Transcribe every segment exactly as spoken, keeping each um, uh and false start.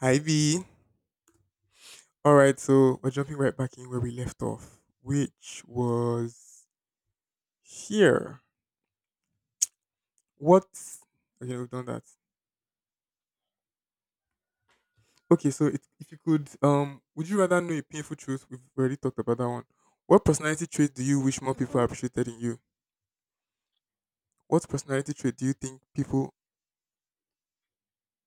Hi V. Alright, so we're jumping right back in where we left off, which was here. What okay, we've done that. Okay, so it, if you could um would you rather know a painful truth? We've already talked about that one. What personality trait do you wish more people Mhm. appreciated in you? What personality trait do you think people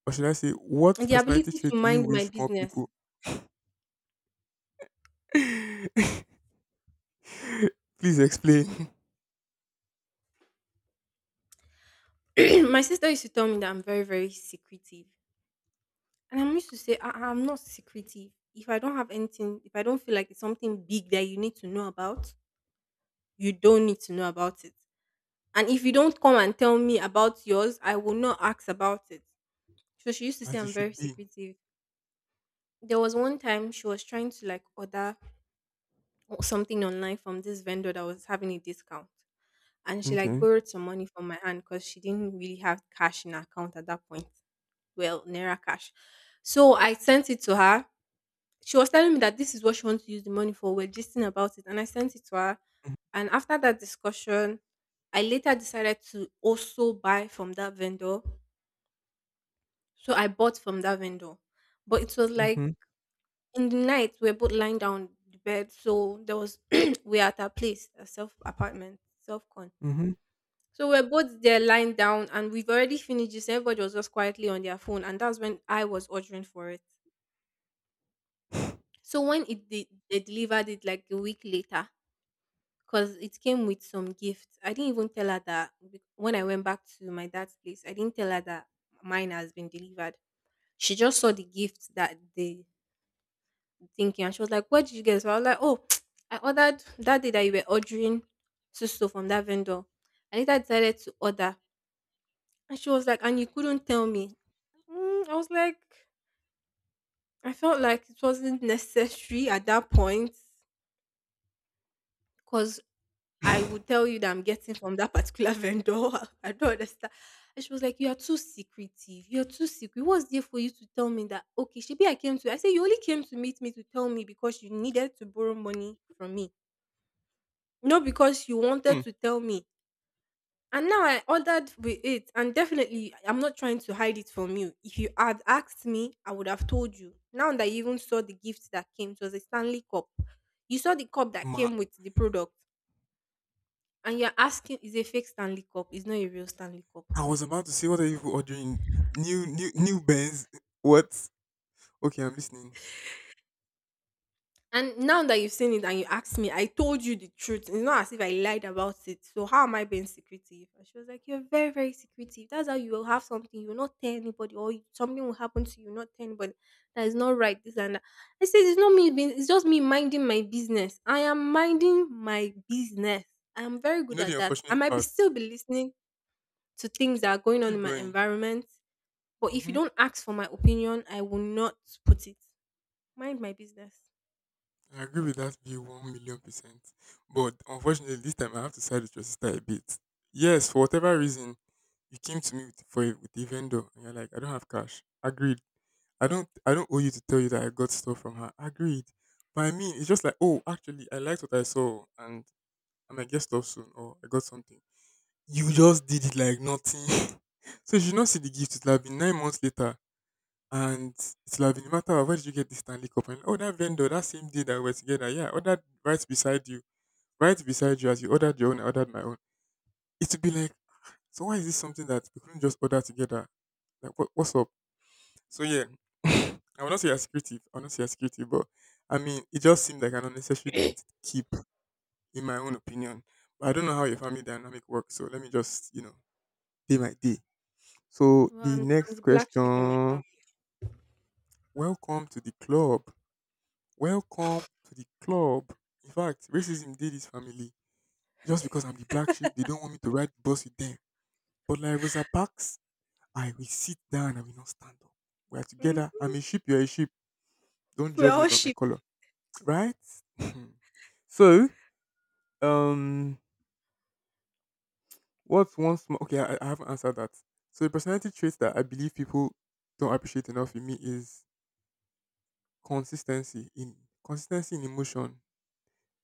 or should I say What The personality ability trait to do you mind my wish more business. people please explain My sister used to tell me that I'm very, very secretive. And I'm used to say, I- I'm not secretive. If I don't have anything, if I don't feel like it's something big that you need to know about, you don't need to know about it. And if you don't come and tell me about yours, I will not ask about it. So she used to say as you I'm very should be. secretive. There was one time she was trying to like order o- something online from this vendor that was having a discount. And she like Okay. borrowed some money from my hand because she didn't really have cash in her account at that point. Well, Naira cash. So I sent it to her. She was telling me that this is what she wants to use the money for. We're gisting about it. And I sent it to her. And after that discussion, I later decided to also buy from that vendor. So I bought from that vendor. But it was like Mm-hmm. in the night, we are both lying down on the bed, so there was we're at our place, a self apartment, self con. Mm-hmm. So we're both there lying down, and we've already finished this. Everybody was just quietly on their phone, and that's when I was ordering for it. So when it de- they delivered it like a week later, because it came with some gifts, I didn't even tell her that be- when I went back to my dad's place, I didn't tell her that mine has been delivered. She just saw the gift that they thinking, and she was like, what did you get? So I was like, oh, I ordered that day that you were ordering so so from that vendor. I later decided to order. And she was like, and you couldn't tell me. Mm, I was like, I felt like it wasn't necessary at that point because I would tell you that I'm getting from that particular vendor. I don't understand. And she was like, you are too secretive. You're too secret. What's there for you to tell me that? Okay, she be I came to. I said, you only came to meet me to tell me because you needed to borrow money from me, not because you wanted to tell me. And now I ordered with it, and definitely I'm not trying to hide it from you. If you had asked me, I would have told you. Now that you even saw the gift that came, it was a Stanley cup. You saw the cup that Hmm. came with the product, and you're asking, is a fake Stanley cup? It's not a real Stanley cup. I was about to say, what are you people ordering? New, new, new Benz? What? Okay, I'm listening. And now that you've seen it and you asked me, I told you the truth. It's not as if I lied about it. So how am I being secretive? And she was like, you're very, very secretive. That's how you will have something. You will not tell anybody, or you- something will happen to you, not tell anybody. That is not right. This and that. I said, it's not me being it's just me minding my business. I am minding my business. I am very You good know the at that. I unfortunate might be part. still be listening to things that are going on Keep in my going. environment. But if you Hmm. don't ask for my opinion, I will not put it. Mind my business. I agree with that view one million percent. But unfortunately, this time I have to side with your sister a bit. Yes, for whatever reason, you came to me with, for a, with a vendor, and you're like, I don't have cash. Agreed. I don't, I don't owe you to tell you that I got stuff from her. Agreed. But I mean, it's just like, oh, actually, I liked what I saw, and I might get stuff soon, or I got something. You just did it like nothing. So you should not see the gift. It'll have been nine months later, and it'll have been a matter of, where did you get this Stanley Cup? And oh, that vendor, that same day that we were together, yeah, ordered right beside you, right beside you as you ordered your own, I ordered my own. It would be like, so why is this something that we couldn't just order together? Like, what, what's up? So yeah, I will not say as creative. I will not say as creative, but I mean, it just seemed like an unnecessary thing to keep, in my own opinion. But I don't know how your family dynamic works, so let me just, you know, pay my day. So Well, the I'm I'm next the black sheep in my question. family. Welcome to the club. Welcome to the club. In fact, racism did his family. Just because I'm the black sheep, they don't want me to ride the bus with them. But like Rosa Parks, I will sit down and will not stand up. We are together. I'm Mhm. a sheep, you're a sheep. Don't We're judge me all by my sheep. color. Right? So, um, what's one small okay, I, I haven't answered that. So the personality traits that I believe people don't appreciate enough in me is consistency in consistency in emotion.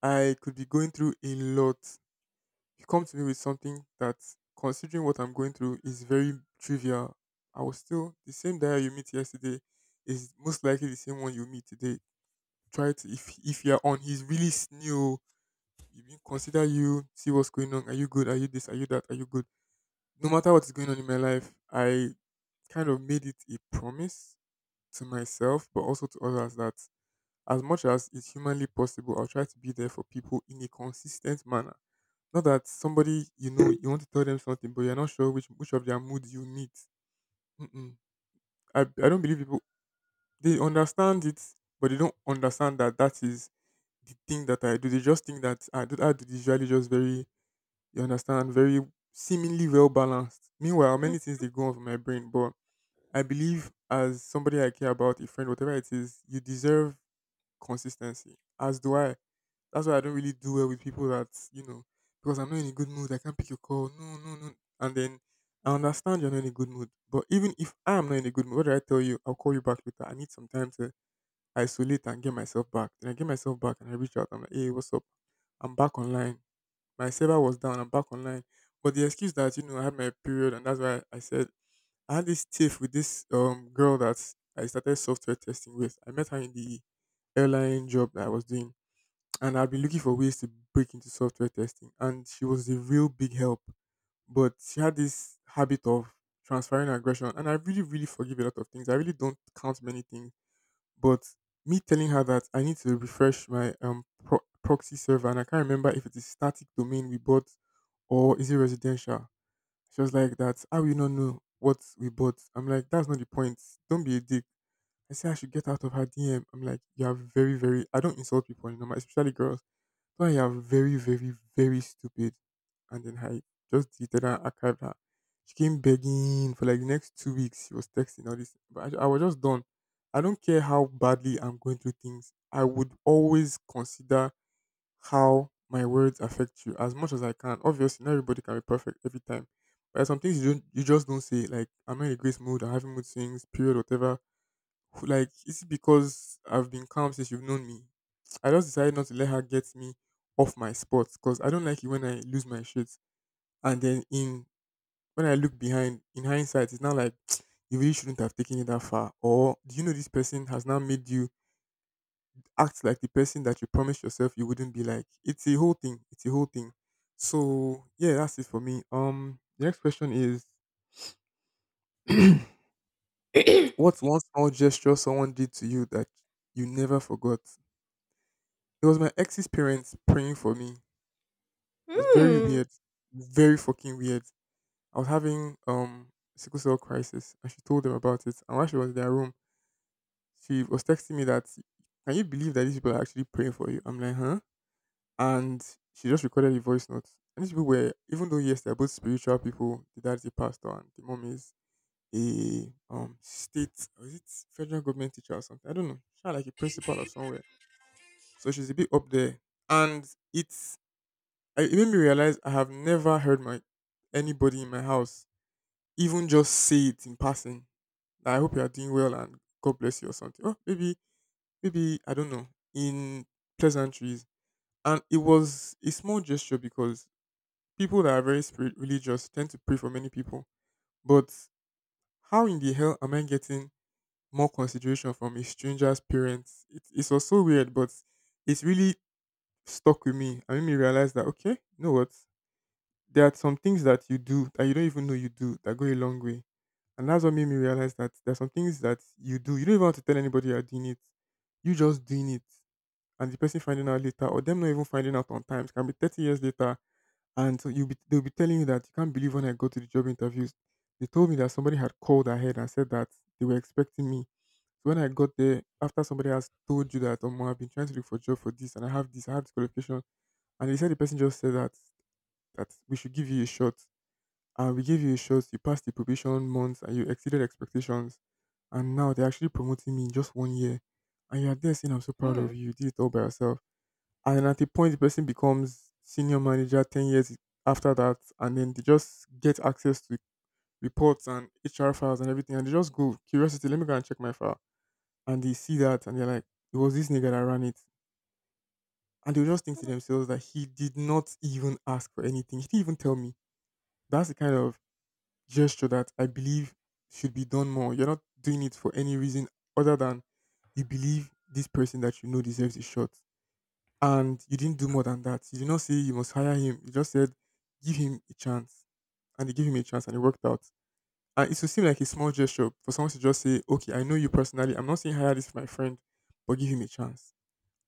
I could be going through a lot. You come to me with something that, considering what I'm going through, is very trivial. I will still the same guy you meet yesterday is most likely the same one you meet today. Try to if if you're on he's really s- new, you you consider you, see what's going on. Are you good? Are you this? Are you that? Are you good? No matter what is going on in my life, I kind of made it a promise to myself, but also to others that as much as it's humanly possible, I'll try to be there for people in a consistent manner, not that somebody you know you want to tell them something, but you're not sure which which of their moods you meet. Mm-mm. I I don't believe people they understand it, but they don't understand that that is the thing that I do. They just think that I do. I do is usually just very, you understand, very seemingly well balanced. Meanwhile, Mm. many things they go on for my brain, but I believe as somebody I care about, a friend, whatever it is, you deserve consistency. As do I. That's why I don't really do well with people that, you know, because I'm not in a good mood, I can't pick your call. No, no, no. And then I understand you're not in a good mood. But even if I'm not in a good mood, what do I tell you? I'll call you back later. I need some time to isolate and get myself back. Then I get myself back and I reach out. I'm like, hey, what's up? I'm back online. My server was down, I'm back online. But the excuse that, you know, I had my period and that's why I said, I had this tiff with this um girl that I started software testing with. I met her in the airline job that I was doing, and I'd been looking for ways to break into software testing. And she was a real big help, but she had this habit of transferring aggression, and I really, really forgive a lot of things. I really don't count many things, but me telling her that I need to refresh my um pro- proxy server, and I can't remember if it is static domain we bought or is it residential. She was like, "That's how you not know what we bought." I'm like, "That's not the point. Don't be a dick." I say I should get out of her D M. I'm like, "You are very, very. I don't insult people anymore, especially girls. But you are very, very, very stupid." And then I just deleted her, archived her. She came begging for like the next two weeks. She was texting all this, but I, I was just done. I don't care how badly I'm going through things. I would always consider how my words affect you as much as I can. Obviously, not everybody can be perfect every time. But there's some things you don't you just don't say. Like I'm in a great mood, I'm having mood swings, period, whatever. Who- Like, is it because I've been calm since you've known me. I just decided not to let her get me off my spot because I don't like it when I lose my shit. And then in when I look behind, in hindsight, it's not like, you really shouldn't have taken it that far. Or do you know this person has now made you act like the person that you promised yourself you wouldn't be like. It's a whole thing. It's a whole thing. So yeah, that's it for me. Um, the next question is, what's one small gesture someone did to you that you never forgot? It was my ex's parents praying for me. It was very Mm, weird, very fucking weird. I was having um sickle cell crisis, and she told them about it. And while she was in their room, she was texting me that, "Can you believe that these people are actually praying for you?" I'm like, "Huh." And she just recorded a voice note. And these people were, even though yes, they're both spiritual people, the dad's a pastor and the mom is a um state, or is it federal government teacher or something? I don't know. She's like a principal of somewhere. So she's a bit up there. And it's I- it made me realize I have never heard my anybody in my house even just say it in passing, that I hope you are doing well and God bless you or something. Oh, maybe maybe I don't know. In pleasantries. And it was a small gesture because people that are very spirit religious tend to pray for many people. But how in the hell am I getting more consideration from a stranger's parents? It, it's also weird, but it's really stuck with me. I made me realize that, okay, you know what? There are some things that you do that you don't even know you do that go a long way. And that's what made me realize that there are some things that you do. You don't even have to tell anybody you're doing it. You just doing it. And the person finding out later or them not even finding out on times can be thirty years later. And so you'll be they'll be telling you that you can't believe when I go to the job interviews. They told me that somebody had called ahead and said that they were expecting me. So when I got there, after somebody has told you that, oh, I've been trying to look for a job for this and I have this, I have this qualification. And they said the person just said that that we should give you a shot. And we gave you a shot, you passed the probation months and you exceeded expectations. And now they're actually promoting me in just one year. And you're there saying I'm so proud of mm, you. You did it all by yourself and at a point, the person becomes senior manager ten years after that. And then they just get access to reports and H R files and everything. And they just go, curiosity, let me go and check my file. And they see that and they're like, it was this nigga that ran it. And they will just think to mm. themselves that he did not even ask for anything. He didn't even tell me. That's the kind of gesture that I believe should be done more. You're not doing it for any reason other than you believe this person that you know deserves a shot. And you didn't do more than that. You did not say you must hire him. You just said give him a chance, and they gave him a chance, and it worked out. And it would seem like a small gesture for someone to just say, "Okay, I know you personally. I'm not saying hire this my friend, but give him a chance,"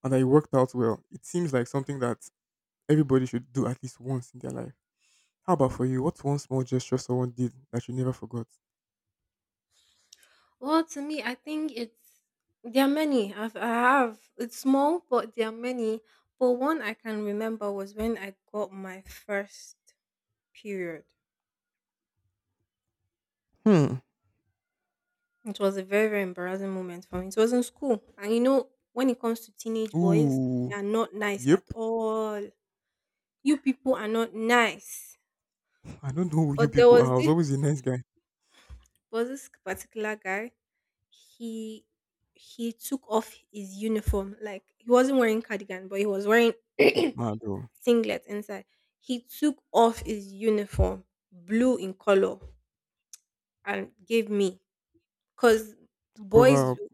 and that it worked out well. It seems like something that everybody should do at least once in their life. How about for you? What's one small gesture someone did that you never forgot? Well, to me, I think it's there are many. I've, I have it's small, but there are many. But one I can remember was when I got my first period. Hmm. It was a very, very embarrassing moment for me. It was in school, and you know when it comes to teenage boys, they Ooh, are not nice yep. at all. You people are not nice. I don't know who you But there people are. was I was this always a nice guy. was this particular guy, he he took off his uniform. Like he wasn't wearing cardigan, but he was wearing Mad though. singlet inside. He took off his uniform, blue in color, and gave me. Cause To cover boys, up. do-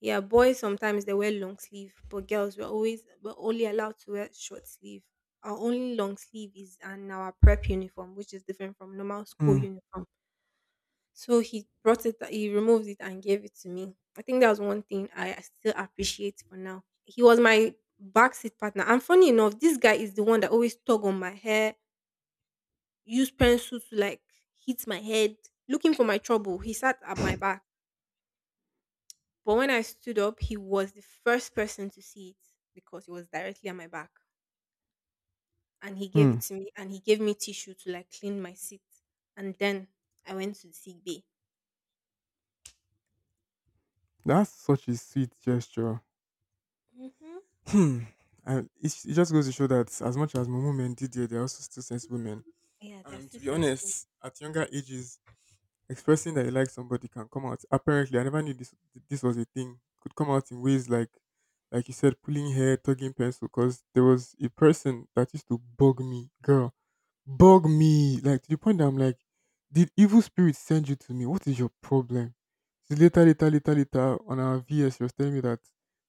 yeah, boys sometimes they wear long sleeve, but girls were always were only allowed to wear short sleeve. Our only long sleeve is in our prep uniform, which is different from normal school Hmm. uniform. So he brought it, he removed it and gave it to me. I think that was one thing I still appreciate for now. He was my backseat partner. And funny enough, this guy is the one that always tug on my hair, use pencil to like hit my head, looking for my trouble. He sat at my back. But when I stood up, he was the first person to see it because he was directly at my back. And he gave it Hmm. to me and he gave me tissue to like clean my seat. And then I went to the sick bay. That's such a sweet gesture. Hmm. Hmm. And it, it just goes to show that as much as Momo men did there, they're also still sensible men. Yeah, they're And to still be sensible. honest, at younger ages, expressing that you like somebody can come out. Apparently, I never knew this this was a thing. Could come out in ways like, like you said, pulling hair, tugging pencil. Because there was a person that used to bug me, girl bug me, like, to the point that I'm like, did evil spirit send you to me? What is your problem? So later, later, later, later on our V S, she was telling me that,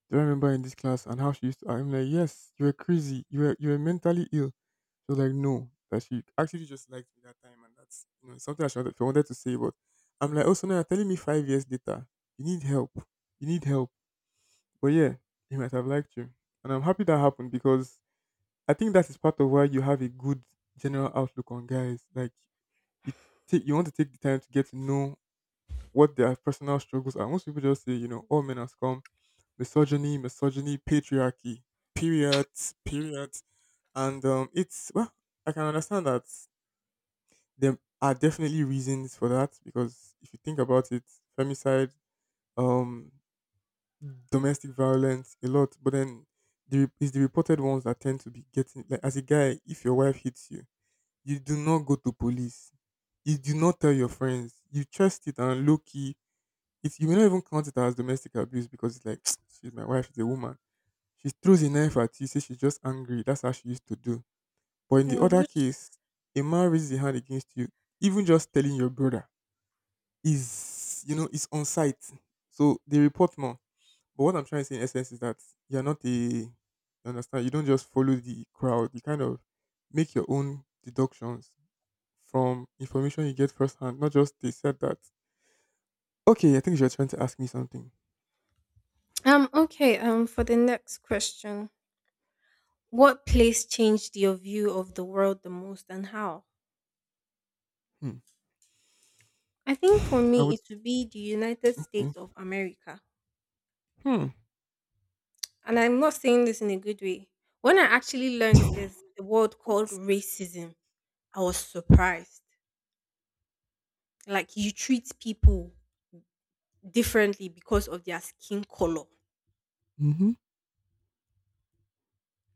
do I remember in this class and how she used to? I'm like, yes, you were crazy. You were you were mentally ill. She was like, no, that she actually just liked me that time, and that's you know something I should have- I wanted to say, but I'm like, also now you're telling me five years later? You need help, you need help. But yeah, he might have liked you, and I'm happy that happened because I think that is part of why you have a good general outlook on guys. Like you take you want to take the time to get to know what their personal struggles are. Most people just say, you know, all men are scum, misogyny, misogyny, patriarchy, period, period. And um it's well, I can understand that there are definitely reasons for that because if you think about it, femicide, um domestic violence, a lot, but then the, it's the reported ones that tend to be getting, like, as a guy, if your wife hits you, you do not go to police. You do not tell your friends. You trust it and low key. It, you may not even count it as domestic abuse because it's like, she's my wife, she's a woman. She throws a knife at you, say she's just angry. That's how she used to do. But in the Mm. other Good. case, a man raises a hand against you, even just telling your brother is, you know, it's on site. So they report more. But what I'm trying to say in essence is that you're not a, you understand, you don't just follow the crowd. You kind of make your own deductions from information you get firsthand, not just they said that. Okay, I think you're trying to ask me something. Um, okay, um, for the next question, what place changed your view of the world the most and how? Hmm. I think for I me, would it would be the United say, States of America. hmm. And I'm not saying this in a good way. When I actually learned there's a word called What? racism, I was surprised. Like, you treat people differently because of their skin color, Mm-hmm.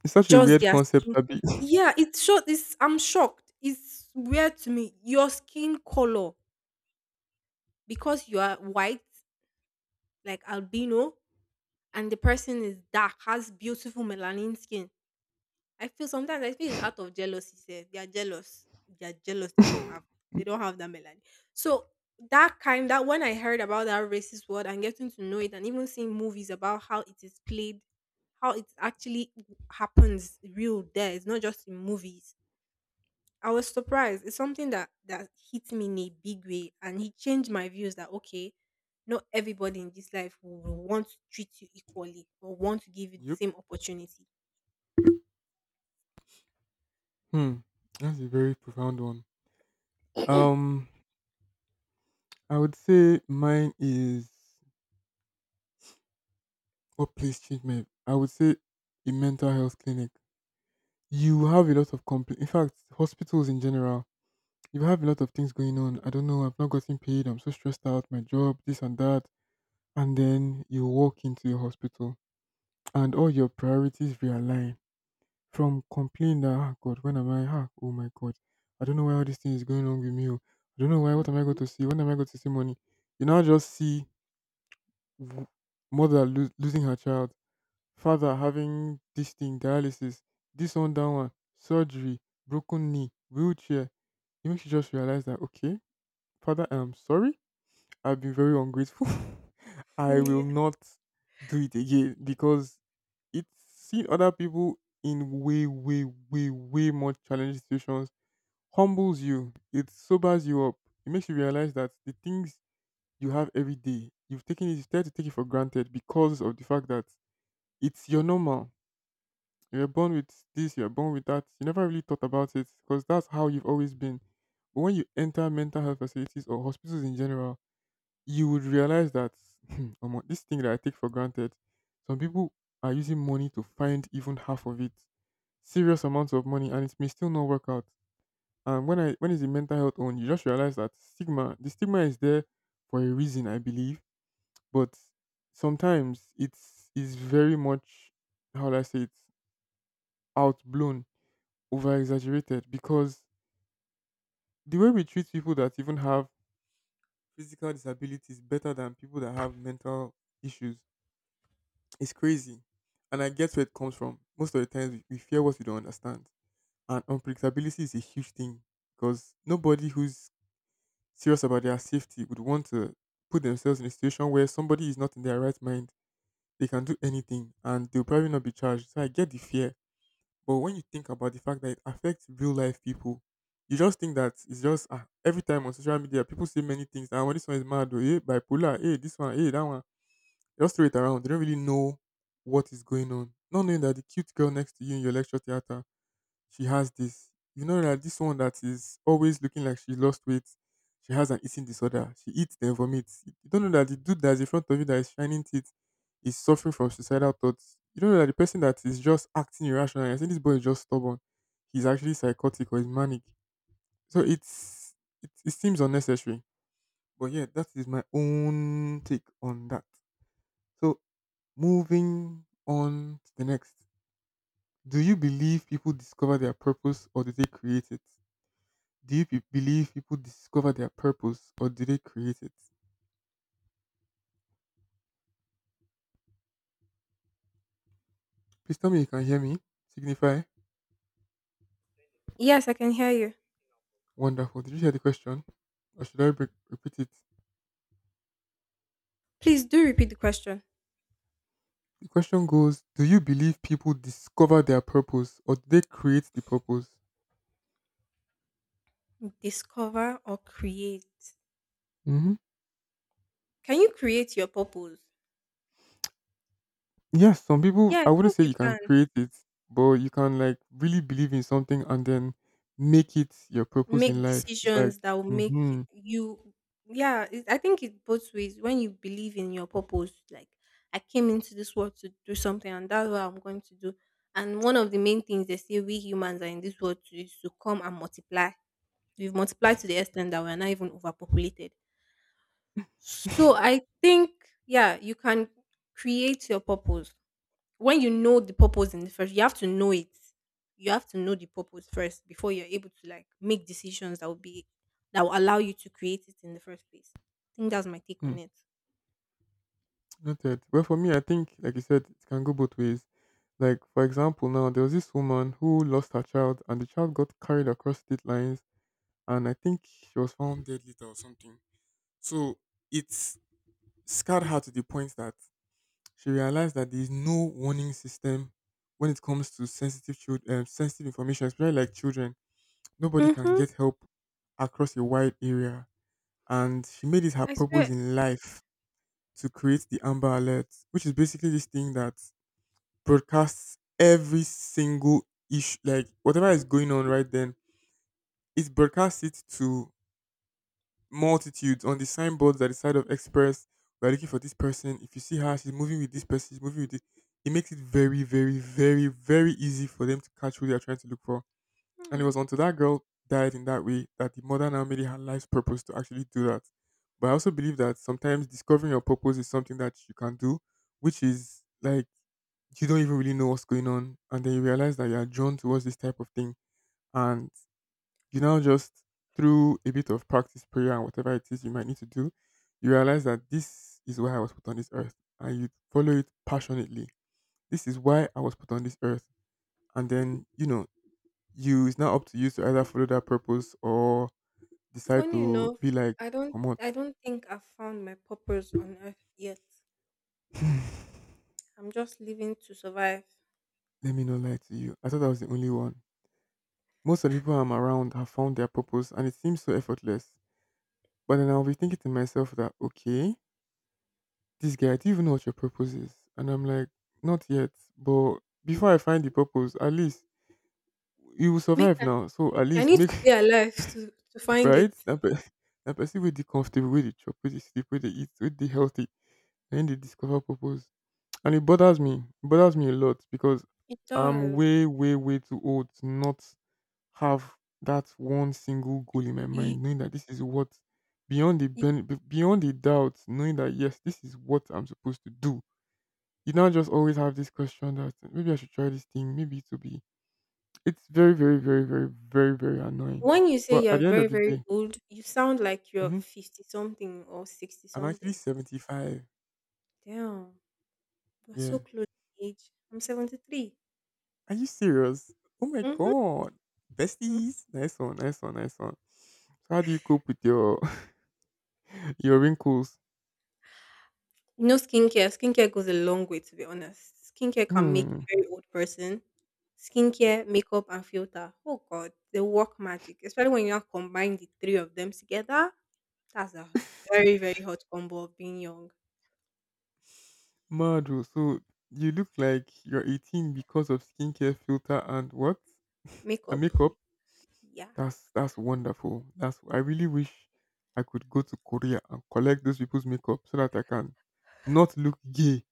It's such a just weird their, concept, Abby. yeah, it's short. It's I'm shocked. It's weird to me. Your skin color, because you are white, like albino, and the person is dark, has beautiful melanin skin. I feel sometimes I feel it's out of jealousy. Say they are jealous. They are jealous. They don't have they don't have that melanin. So that kind that when I heard about that racist word and getting to know it and even seeing movies about how it is played, how it actually happens real there. It's not just in movies. I was surprised. It's something that that hit me in a big way, and he changed my views that okay, not everybody in this life will want to treat you equally or want to give you the Yep. same opportunity. Hmm. That's a very profound one. Um, I would say mine is, what place changed me? I would say a mental health clinic. You have a lot of compl- in fact, hospitals in general, you have a lot of things going on. I don't know. I've not gotten paid. I'm so stressed out. My job, this and that. And then you walk into a hospital and all your priorities realign from complain that, ah, God, when am I, ah, oh my God, I don't know why all this thing is going on with me. Oh. I don't know why, what am I going Mhm. to see? When am I going to see money? You now just see w- mother lo- losing her child, father having this thing, dialysis, this one, that one, surgery, broken knee, wheelchair. It makes you just realize that, okay, father, I'm sorry. I've been very ungrateful. I will Yeah. not do it again because it's seeing other people in way, way, way, way more challenging situations humbles you. It sobers you up. It makes you realize that the things you have every day, you've taken it, you tend to take it for granted because of the fact that it's your normal. You're born with this, you're born with that. You never really thought about it because that's how you've always been. But when you enter mental health facilities or hospitals in general, you would realize that, omo, this thing that I take for granted, some people are using money to find even half of it, serious amounts of money, and it may still not work out. And when I when it's the mental health on, you just realize that, stigma, the stigma is there for a reason, I believe. But sometimes it's is very much, how do I say it, outblown, over exaggerated, because the way we treat people that even have physical disabilities better than people that have mental issues. It's crazy. And I get where it comes from. Most of the times we, we fear what we don't understand. And unpredictability is a huge thing because nobody who's serious about their safety would want to put themselves in a situation where somebody is not in their right mind. They can do anything and they'll probably not be charged. So I get the fear. But when you think about the fact that it affects real life people, you just think that it's just, ah, every time on social media, people say many things. And when this one is mad, or hey, bipolar, hey, this one, hey, that one, they just throw it around. They don't really know what is going on. Not knowing that the cute girl next to you in your lecture theater, she has this. You know that this one that is always looking like she lost weight, she has an eating disorder. She eats then vomits. You don't know that the dude that's in front of you that is shining teeth is suffering from suicidal thoughts. You don't know that the person that is just acting irrational, I think this boy is just stubborn. He's actually psychotic or he's manic. So it's it, it seems unnecessary. But yeah, that is my own take on that. So, moving on to the next. Do you believe people discover their purpose or do they create it? Do you pe- believe people discover their purpose or do they create it? Please tell me you can hear me. Signify. Yes, I can hear you. Wonderful. Did you hear the question? Or should I re- repeat it? Please do repeat the question. The question goes, do you believe people discover their purpose or do they create the purpose? Discover or create? Mhm. Can you create your purpose? Yes, some people, Yeah, I I wouldn't think say you you can can. create it, but you can, like, really believe in something and then make it your purpose in Make life. It's like, decisions that will make y- mm-hmm, you, yeah, it, I think it both ways. When you believe in your purpose, like I came into this world to do something, and that's what I'm going to do. And one of the main things they say we humans are in this world to is to come and multiply. We've multiplied to the extent that we're not even overpopulated. So I think, yeah, you can create your purpose. When you know the purpose in the first, you have to know it. You have to know the purpose first before you're able to like make decisions that will be that will allow you to create it in the first place. I think that's my take hmm, on it. noted. Well, for me, I think, like you said, it can go both ways. Like, for example, now there was this woman who lost her child, and the child got carried across state lines, and I think she was found dead later or something. So it scarred her to the point that she realized that there is no warning system when it comes to sensitive child, um, sensitive information, especially like children. Nobody can Mm-hmm. get help across a wide area. And she made it her I purpose swear. in life to create the Amber Alert, which is basically this thing that broadcasts every single issue, like whatever is going on right then. It broadcasts it to multitudes on the signboards at the side of Express. We are looking for this person. If you see her, she's moving with this person. She's moving with this. It makes it very, very, very, very easy for them to catch who they are trying to look for. And it Hmm. was until that girl died in that way that the mother now made it her life's purpose to actually do that. But I also believe that sometimes discovering your purpose is something that you can do, which is like, you don't even really know what's going on. And then you realize that you are drawn towards this type of thing. And you now just, through a bit of practice, prayer, and whatever it is you might need to do, you realize that this is why I was put on this earth. And you follow it passionately. This is why I was put on this earth. And then, you know, you it's now up to you to either follow that purpose or decide Funny to enough, be like, I don't. comot. I don't think I've found my purpose on earth yet. I'm just living to survive. Let me not lie to you. I thought I was the only one. Most of the people I'm around have found their purpose and it seems so effortless. But then I'll be thinking to myself that, okay, this guy, do you even know what your purpose is? And I'm like, not yet. But before I find the purpose, at least you will Make survive now. So at I least need make, to be alive to to find it. right? That, pe- that person will be comfortable, with the chop, with the sleep, with the eat, with the healthy. Then they discover purpose. And it bothers me. It bothers me a lot because It I'm does. way, way, way too old to not have that one single goal in my mind, knowing that this is what beyond the ben- be- beyond the doubt, knowing that yes, this is what I'm supposed to do. You don't just always have this question that maybe I should try this thing, maybe it will be. It's very, very, very, very, very, very annoying. When you say But you're at the end very, of the very day, old, you sound like you're mhm, fifty something or sixty I'm actually something. seventy-five. Damn, we're Yeah. so close in age. I'm seventy-three. Are you serious? Oh my Mm-hmm. god. Besties. Nice one, nice one, nice one. So how do you cope with your your wrinkles? No skincare. Skincare goes a long way, to be honest. Skincare can make a Hmm. very old person. Skincare, makeup, and filter. Oh, God, they work magic. Especially when you now combine the three of them together. That's a very, very hot combo of being young. Madro, so you look like you're eighteen because of skincare filter and what? And Makeup, makeup? yeah. That's that's wonderful. That's I really wish I could go to Korea and collect those people's makeup so that I can not look gay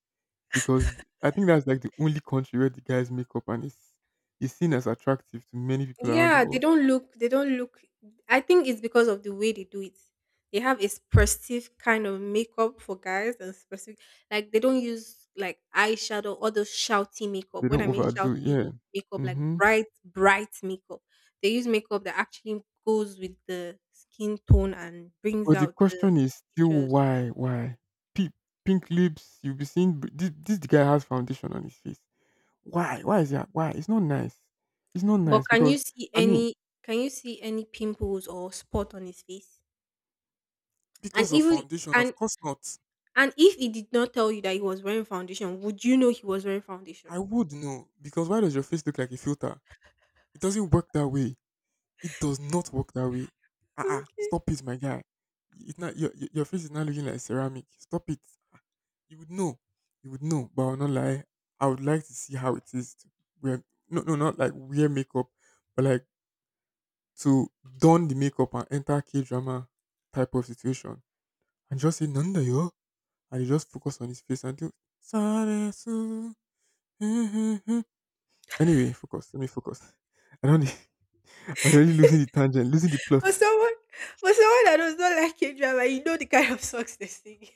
because I think that's like the only country where the guy's makeup and is is seen as attractive to many people around the Yeah, they world. don't look they don't look I think it's because of the way they do it. They have a specific kind of makeup for guys and specific, like they don't use like eyeshadow or those shouty makeup. They When don't I mean overdo, shouty yeah. makeup, like Hmm. bright, bright makeup. They use makeup that actually goes with the skin tone and brings But the out the question is still features. why, why? Pink, pink lips, you'll be seeing b- this, this guy has foundation on his face. Why? Why is that? Why? It's not nice. It's not But nice can because you see I mean any can you see any pimples or spot on his face? And because of even foundation, and of course not. And if he did not tell you that he was wearing foundation, would you know he was wearing I foundation? would know because why does your face look like a filter? It doesn't work that way. It does not work that way. Ah, ah, Okay. stop it, my guy. It not, your, your your face is not looking like ceramic. Stop it. Ah, you would know. You would know. But I'll not lie. I would like to see how it is to wear. No, no, not like wear makeup, but like to don the makeup and enter K drama type of situation and just say nanda yo, and you just focus on his face until Saresu. anyway, focus. Let me focus. I don't. I'm really losing the tangent, losing the For plot. someone for someone that does not like K drama, you know the kind of socks they sing.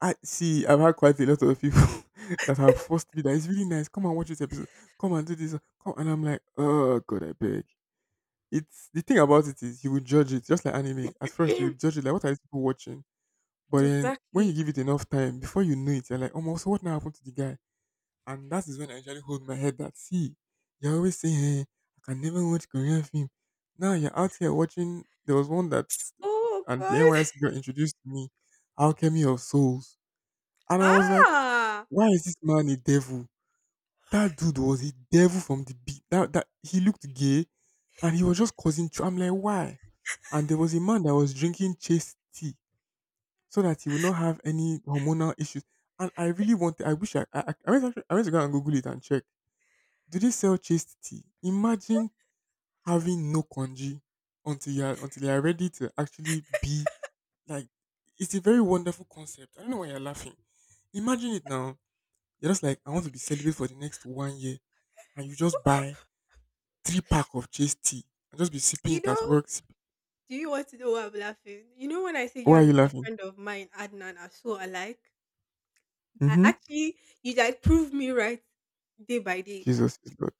I see. I've had quite a lot of people that have forced me that it's really nice. Come and watch this episode. Come and do this. Come and I'm like, oh god, I beg. It's the thing about it is you will judge it just like anime. At first, you will judge it like what are these people watching, but then when you Exactly. give it enough time, before you know it, you're like, oh, my, so what now happened to the guy? And that is when I usually hold my head that see, you're always saying, hey, I can never watch Korean film. Now you're out here watching. There was one that's Oh and the N Y S god. got introduced to me, Alchemy of Souls, and I was like. Ah, Why is this man a devil? That dude was a devil from the be That that he looked gay, and he was just causing trou I'm like, "Why?" And there was a man that was drinking chase tea so that he would not have any hormonal issues, and I really want I wish I I I went actually, I went to go and Google it and check. Do they sell chase tea? Imagine having no congee until you are until you are ready to actually be like it's a very wonderful concept. I don't know why you're laughing. Imagine it now. You're just like, I want to be celibate for the next one year, and you just buy three pack of chase tea and just be sipping you it at know, work. Sip- do you want to know why I'm laughing? You know when I say you Why are you and a laughing? friend of mine, Adnan, are so alike? I Mm-hmm. actually, you like, prove me right day by day. Jesus is Lord.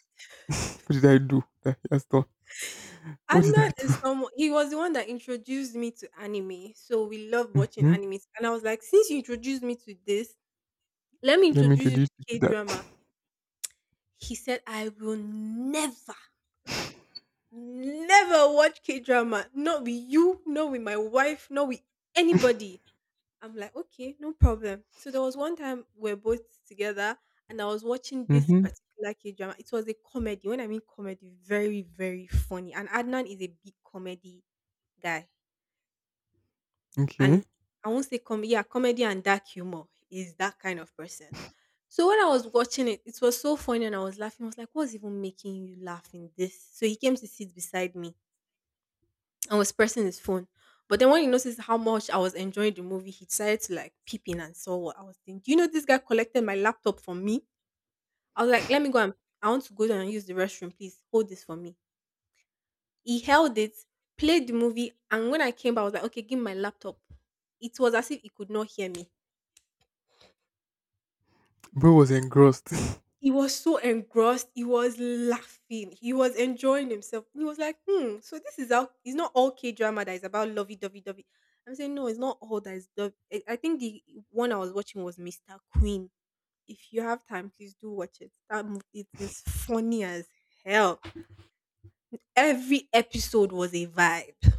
What did I do that he has done? What did I Adnan do? is someone, he was the one that introduced me to anime. So we love watching Mm-hmm. anime. And I was like, since you introduced me to this, let me Let me introduce you to introduce you K to that. drama. He said, I will never, never watch K drama. Not with you, not with my wife, not with anybody. I'm like, okay, no problem. So there was one time we are both together and I was watching this Mm-hmm. particular K drama. It was a comedy. When I mean comedy, very, very funny. And Adnan is a big comedy guy, and Okay. he- I won't say com yeah, comedy and dark humor. He's that kind of person. So when I was watching it, it was so funny and I was laughing. I was like, what's even making you laugh in this? So he came to sit beside me and was pressing his phone. But then when he noticed how much I was enjoying the movie, he decided to like peep in and saw what I was doing. Do you know this guy collected my laptop from me? I was like, let me go and I want to go down and use the restroom. Please hold this for me. He held it, played the movie, and when I came back, I was like, okay, give me my laptop. It was as if he could not hear me. Bro was engrossed. He was so engrossed, he was laughing, he was enjoying himself. He was like, hmm, so this is how it's not all K drama that is about lovey dovey dovey. I'm saying, no, it's not all that is dovey. I I think the one I was watching was mister Queen. If you have time, please do watch it. That movie, it is funny as hell. Every episode was a vibe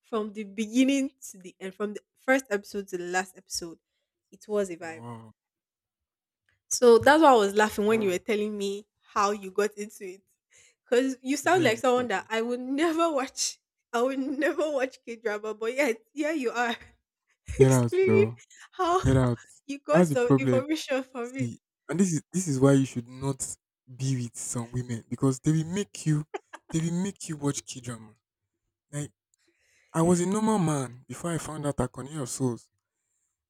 from the beginning to the end, from the first episode to the last episode. It was a No, vibe. wow. So that's why I was laughing when you were telling me how you got into it. Because you It's not sound like even someone that funny. I would never watch. I would never watch K drama, but yet here you are Get out, explaining Joe. how Get out. you got That's the some problem. information from it. See, and this is this is why you should not be with some women because they will make you they will make you watch K drama. Like I was a normal man before I found out Akone of Souls.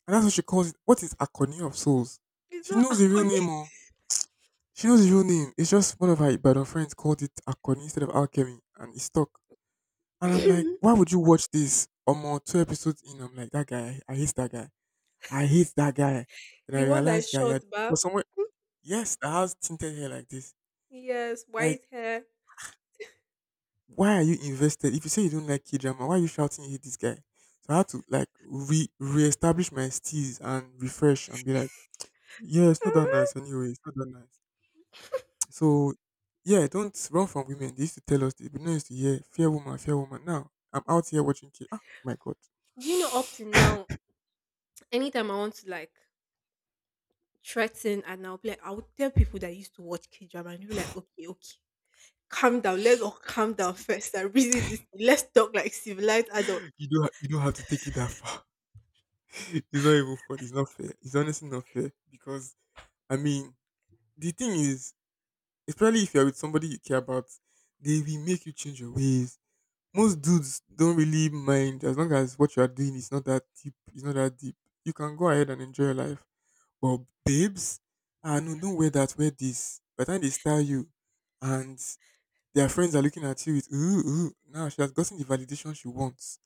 And that's what she calls it. What is Akone of Souls? It's She not knows the real Akoni. name, oh. She knows the real name. It's just one of her Ibadan friends called it Akone instead of Alchemy, and it stuck. And I'm like, why would you watch this? Omo, two episodes in, I'm like, that guy, I hate that guy. I hate that guy. Then I The one that realized, is guy, short, you're- for but someone, yes, that has tinted hair like this. yes, Like, white hair. why are you invested? If you say you don't like K drama, why are you shouting you hate this guy? So I had to like re reestablish my steez and refresh and be like, yeah, it's not that nice Ah. anyway. It's not that nice. So yeah, don't run from women. They used to tell us, they be nice to hear, fair woman, fair woman. Now I'm out here watching K. Ah, my God. Do you know up to now, anytime I want to like threaten and I'll be like, I would tell people that I used to watch K drama and they'll be like, okay, okay. Calm down. Let's all calm down first and reason this. Let's talk like civilized adults. You don't you don't have to take it that far. it's not even fun. It's not fair. It's honestly not fair because I mean the thing is, especially if you're with somebody you care about, they will make you change your ways. Most dudes don't really mind as long as what you are doing is not that deep. It's not that deep. You can go ahead and enjoy your life. But babes, ah no, don't wear that. Wear this. By the time they style you, and their friends are looking at you with ooh ooh. Now she has gotten the validation she wants.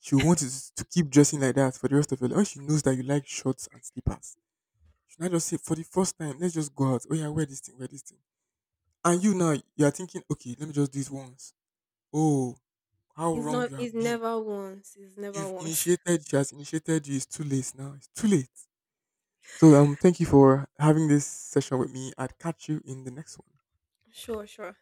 She wants to keep dressing like that for the rest of her life. When she knows that you like shorts and slippers, she now just say for the first time, let's just go out. Oh yeah, wear this thing, wear this thing. And you now you are thinking, okay, let me just do this once. Oh, how It's wrong not. you It's have been. never once. It's never You've once. initiated, she has initiated you. It's too late now. It's too late. So um, thank you for having this session with me. I'd catch you in the next one. Sure, sure.